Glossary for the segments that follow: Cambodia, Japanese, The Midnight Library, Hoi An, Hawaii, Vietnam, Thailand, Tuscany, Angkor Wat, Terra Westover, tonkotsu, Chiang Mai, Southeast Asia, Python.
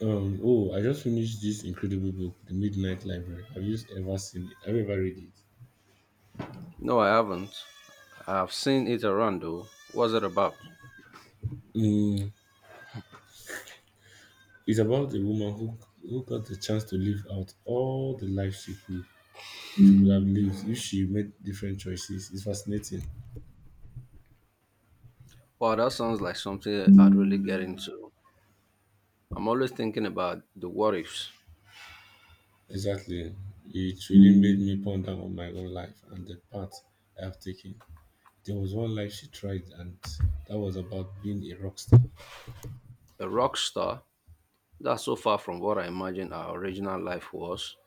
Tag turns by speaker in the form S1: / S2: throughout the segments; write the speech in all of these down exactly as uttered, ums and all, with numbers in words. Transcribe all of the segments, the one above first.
S1: Um, oh, I just finished this incredible book, The Midnight Library. Have you ever seen it? Have you ever read it?
S2: No, I haven't. I've seen it around though. What's it about?
S1: Mm, it's about a woman who who got the chance to live out all the life she could she would have lived if she made different choices. It's fascinating.
S2: Wow, that sounds like something I'd really get into. I'm always thinking about the what ifs.
S1: Exactly. It really made me ponder on my own life and the path I have taken. There was one life she tried and that was about being a rock star.
S2: A rock star? That's so far from what I imagined our original life was.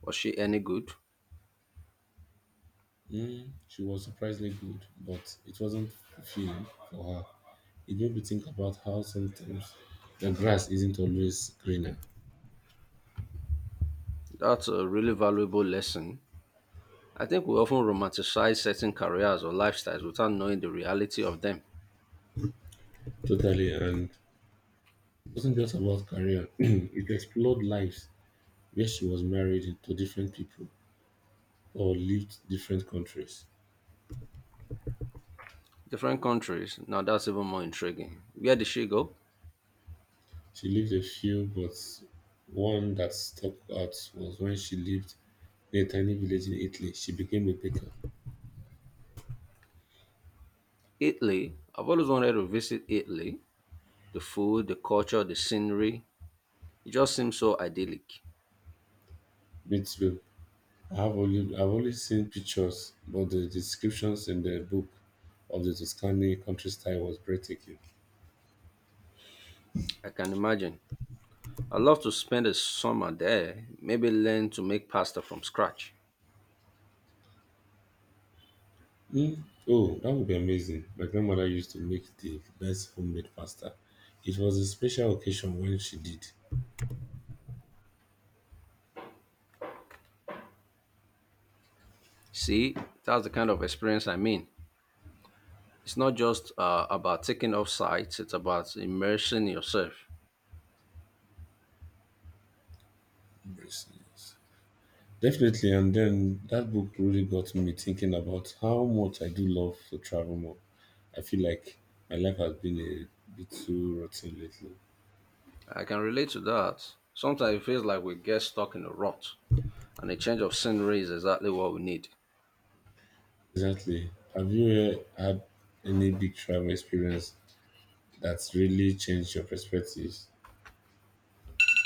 S2: Was she any good?
S1: Mm, she was surprisingly good, but it wasn't fulfilling for her. It made me think about how sometimes the grass isn't always greener.
S2: That's a really valuable lesson. I think we often romanticize certain careers or lifestyles without knowing the reality of them.
S1: Totally, and it wasn't just about career. It explored lives where she was married to different people or lived different countries.
S2: Different countries, now that's even more intriguing. Where did she go?
S1: She lived a few, but one that stuck out was when she lived in a tiny village in Italy. She became a baker.
S2: Italy. I've always wanted to visit Italy. The food, the culture, the scenery. It just seems so idyllic.
S1: Me too. I have only I've only seen pictures, but the descriptions in the book of the Tuscany countryside was breathtaking.
S2: I can imagine. I'd love to spend a summer there, maybe learn to make pasta from scratch.
S1: Mm. Oh, that would be amazing. Like, my grandmother used to make the best homemade pasta. It was a special occasion when she did.
S2: See, that's the kind of experience I mean. It's not just uh, about taking off sites, it's about immersing yourself.
S1: Braces. Definitely, and then that book really got me thinking about how much I do love to travel more. I feel like my life has been a bit too rotten lately.
S2: I can relate to that. Sometimes it feels like we get stuck in a rut, and a change of scenery is exactly what we need.
S1: Exactly. Have you uh, had any big travel experience that's really changed your perspectives?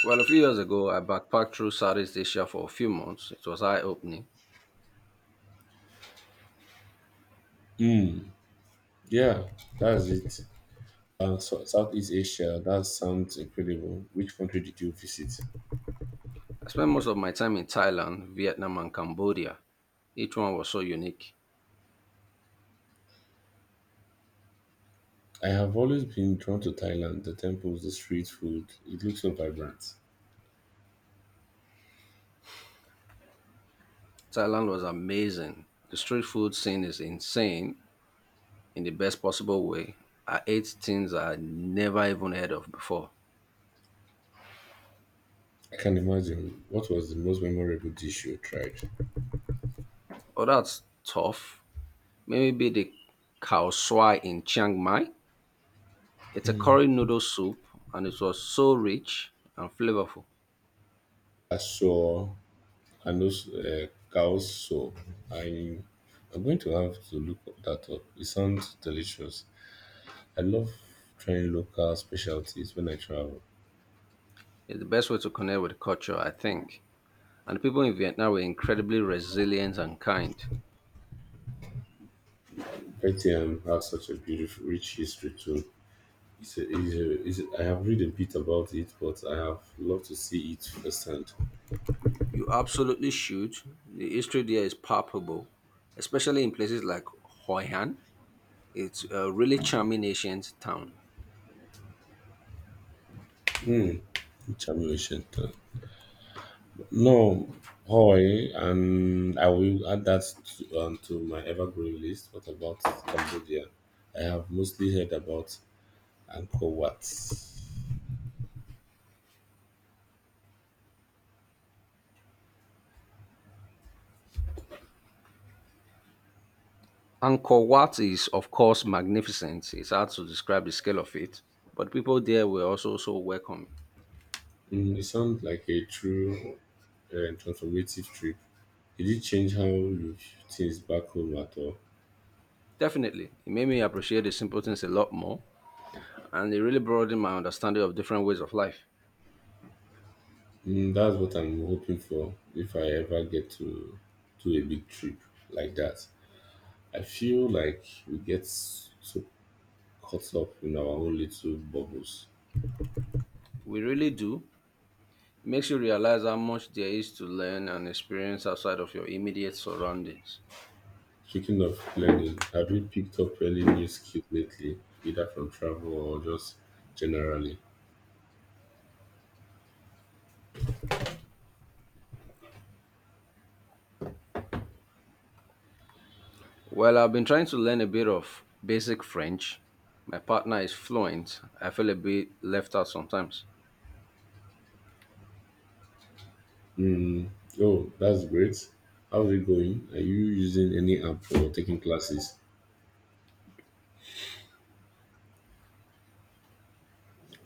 S2: Well, a few years ago, I backpacked through Southeast Asia for a few months. It was eye opening.
S1: Mm, yeah, that's it. Uh, so Southeast Asia, that sounds incredible. Which country did you visit?
S2: I spent most of my time in Thailand, Vietnam, and Cambodia. Each one was so unique.
S1: I have always been drawn to Thailand, the temples, the street food. It looks so vibrant.
S2: Thailand was amazing. The street food scene is insane in the best possible way. I ate things I had never even heard of before.
S1: I can imagine. What was the most memorable dish you tried?
S2: Oh, that's tough. Maybe the cow swai in Chiang Mai. It's a curry noodle soup and it was so rich and flavorful.
S1: I saw and those uh, cow's soup. I, I'm going to have to look that up. It sounds delicious. I love trying local specialties when I travel.
S2: It's the best way to connect with the culture, I think. And the people in Vietnam were incredibly resilient and kind.
S1: Vietnam has such a beautiful, rich history too. It's a, it's a, it's a, I have read a bit about it, but I have loved to see it firsthand.
S2: You absolutely should. The history there is palpable, especially in places like Hoi An. It's a really charming ancient town.
S1: Hmm. Mm. Charmation. No, Hawaii, and I will add that to, um, to my evergreen list. What about Cambodia? I have mostly heard about Angkor Wat.
S2: Angkor Wat is, of course, magnificent. It's hard to describe the scale of it, but people there were also so welcoming.
S1: Mm, it sounds like a true uh, transformative trip. Did it change how you view things back home at all?
S2: Definitely, it made me appreciate the simple things a lot more, and it really broadened my understanding of different ways of life.
S1: Mm, that's what I'm hoping for if I ever get to do a big trip like that. I feel like we get so caught up in our own little bubbles.
S2: We really do. It makes you realize how much there is to learn and experience outside of your immediate surroundings.
S1: Speaking of learning, have you picked up any new skill lately, either from travel or just generally?
S2: Well, I've been trying to learn a bit of basic French. My partner is fluent. I feel a bit left out sometimes.
S1: Mm, oh, that's great. How's it going? Are you using any app or taking classes?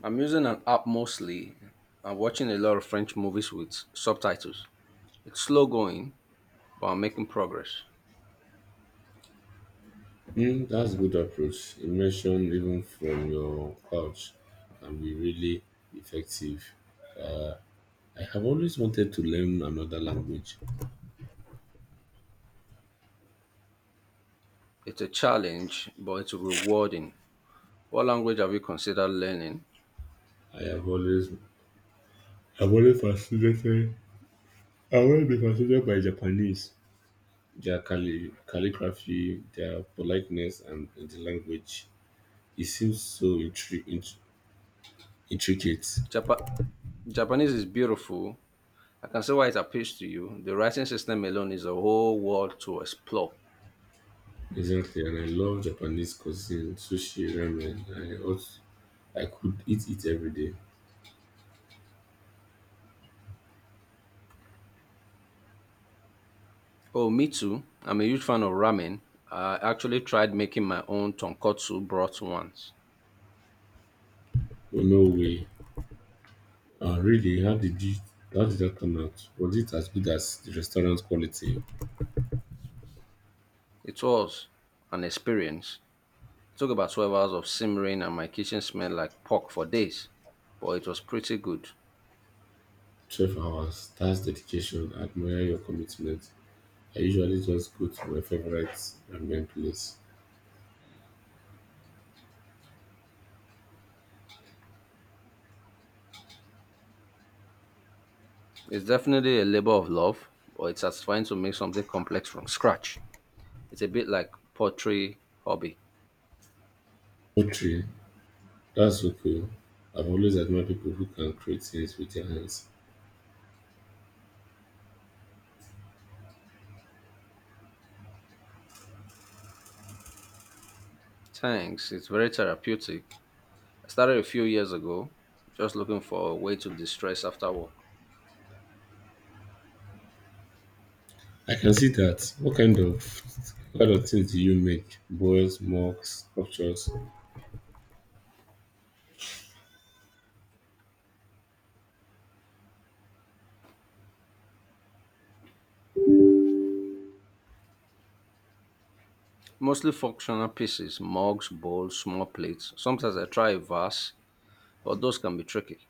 S2: I'm using an app mostly. I'm watching a lot of French movies with subtitles. It's slow going, but I'm making progress.
S1: Mm, that's good approach. Immersion, even from your couch, can be really effective. Uh, I have always wanted to learn another language.
S2: It's a challenge, but it's rewarding. What language have you considered learning?
S1: I have always, I've always fascinated. I always been fascinated by Japanese, their calli- calligraphy, their politeness, and the language. It seems so intri- int- intricate.
S2: Japa- Japanese is beautiful. I can see why it appeals to you. The writing system alone is a whole world to explore.
S1: Exactly, and I love Japanese cuisine, sushi, ramen. I also, I could eat it every day.
S2: Oh, me too. I'm a huge fan of ramen. I actually tried making my own tonkotsu broth once.
S1: But no way. Ah, really? How did you? How did that turn out? Was it as good as the restaurant quality?
S2: It was an experience. Took about twelve hours of simmering, and my kitchen smelled like pork for days, but it was pretty good.
S1: twelve hours. That's dedication. I admire your commitment. I usually just go to my favorite ramen place.
S2: It's definitely a labor of love, but it's satisfying to make something complex from scratch. It's a bit like pottery hobby.
S1: Poetry. That's so cool. I've always admired people who can create things with their hands.
S2: Thanks, it's very therapeutic. I started a few years ago, just looking for a way to distress after work.
S1: I can see that. What kind of what kind of things do you make? Boys, mugs, sculptures.
S2: Mostly functional pieces, mugs, bowls, small plates. Sometimes I try a vase, but those can be tricky.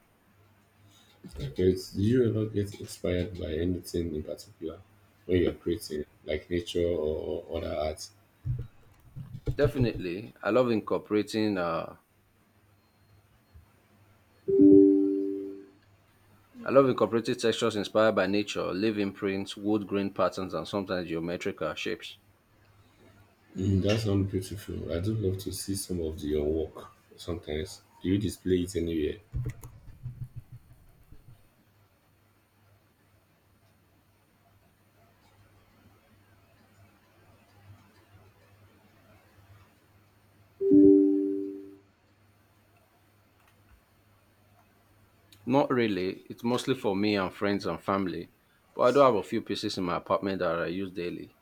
S1: Like, do you ever get inspired by anything in particular when you're creating, like nature or or other art?
S2: Definitely, I love incorporating uh, I love incorporating textures inspired by nature, leaf imprints, wood grain patterns, and sometimes geometrical shapes.
S1: Mm, that sounds beautiful. I do love to see some of your work sometimes. Do you display it anywhere?
S2: Not really, it's mostly for me and friends and family, but I do have a few pieces in my apartment that I use daily.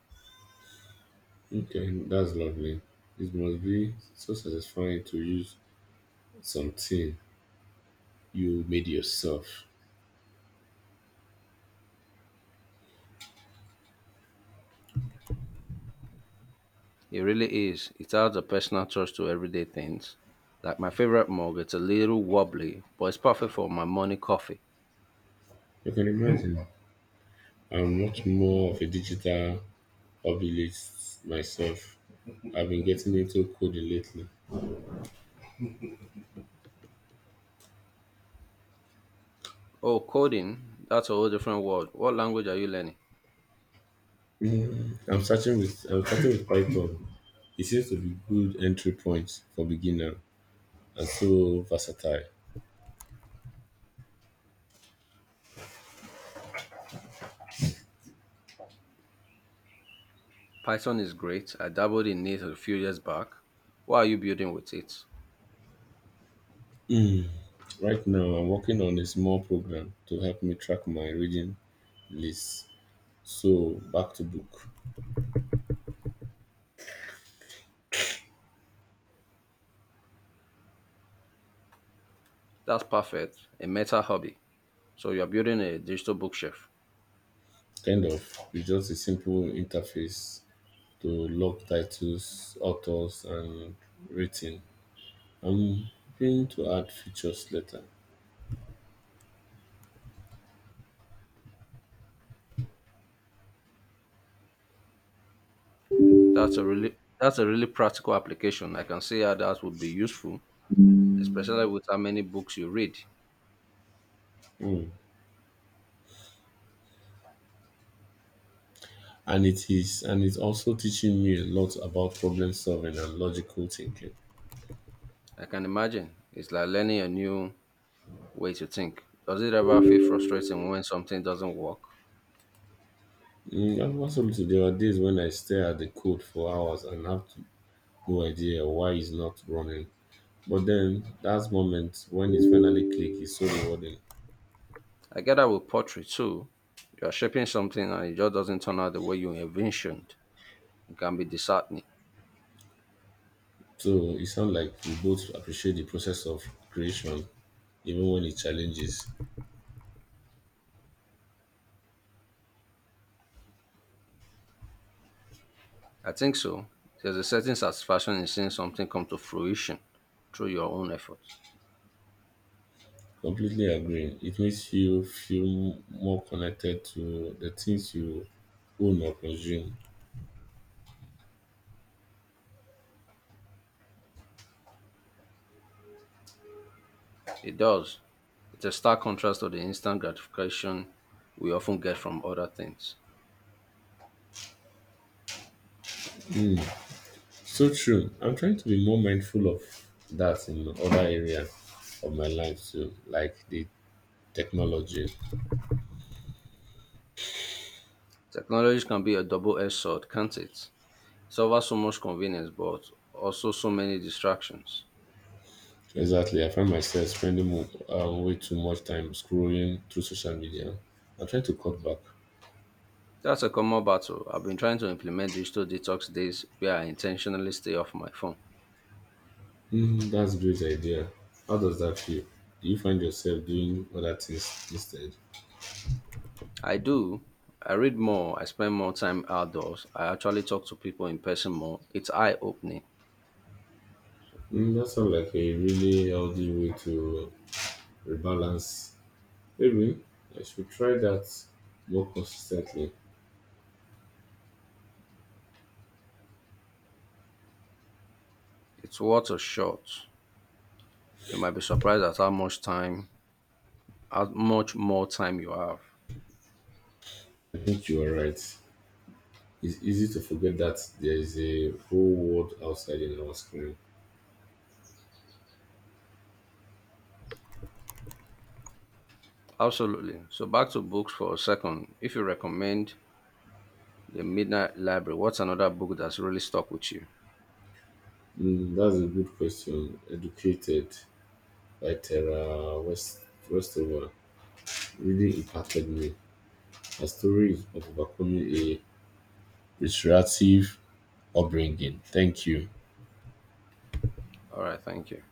S1: Okay, that's lovely. It must be so satisfying to use something you made yourself.
S2: It really is. It adds a personal touch to everyday things. Like my favorite mug, it's a little wobbly, but it's perfect for my morning coffee.
S1: You can imagine. I'm much more of a digital hobbyist myself. I've been getting into coding lately.
S2: Oh, coding, that's a whole different world. What language are you learning?
S1: Mm, I'm starting with I'm starting with Python. It seems to be good entry point for beginner and so versatile.
S2: Python is great. I dabbled in it a few years back. What are you building with it?
S1: Mm. Right now, I'm working on a small program to help me track my reading list. So, back to book.
S2: That's perfect. A meta hobby. So you're building a digital bookshelf.
S1: Kind of. It's just a simple interface to log titles, authors, and rating. I'm hoping to add features later.
S2: That's a really that's a really practical application. I can see how that would be useful, especially with how many books you read.
S1: Mm. And it is, and it's also teaching me a lot about problem solving and logical thinking.
S2: I can imagine. It's like learning a new way to think. Does it ever feel frustrating when something doesn't work?
S1: Mm, and absolutely, there are days when I stare at the code for hours and have no idea why it's not running. But then that moment when it finally click is so rewarding.
S2: I get that with pottery too. You're shaping something and it just doesn't turn out the way you envisioned. It can be disheartening.
S1: So it sounds like we both appreciate the process of creation, even when it challenges.
S2: I think so. There's a certain satisfaction in seeing something come to fruition through your own efforts.
S1: Completely agreeing. It makes you feel more connected to the things you own or consume.
S2: It does. It's a stark contrast to the instant gratification we often get from other things.
S1: So true. I'm trying to be more mindful of that in other area of my life too, like the technology.
S2: Technology can be a double edged sword, can't it? It's offer so much convenience, but also so many distractions.
S1: Exactly. I find myself spending mo- uh, way too much time scrolling through social media. I try to cut back.
S2: That's a common battle. I've been trying to implement digital detox days where I intentionally stay off my phone.
S1: Hmm, that's a great idea. How does that feel? Do you find yourself doing other things instead?
S2: I do. I read more. I spend more time outdoors. I actually talk to people in person more. It's eye opening.
S1: Hmm, that sounds like a really healthy way to rebalance. Maybe I should try that more consistently.
S2: It's worth a shot. You might be surprised at how much time, how much more time you have.
S1: I think you are right. It's easy to forget that there is a whole world outside in our screen.
S2: Absolutely. So back to books for a second. If you recommend The Midnight Library, what's another book that's really stuck with you?
S1: Hmm, that's a good question. Educated. Like Terra West, Westover really impacted me. Her story of overcoming a restorative upbringing. Thank you.
S2: All right, thank you.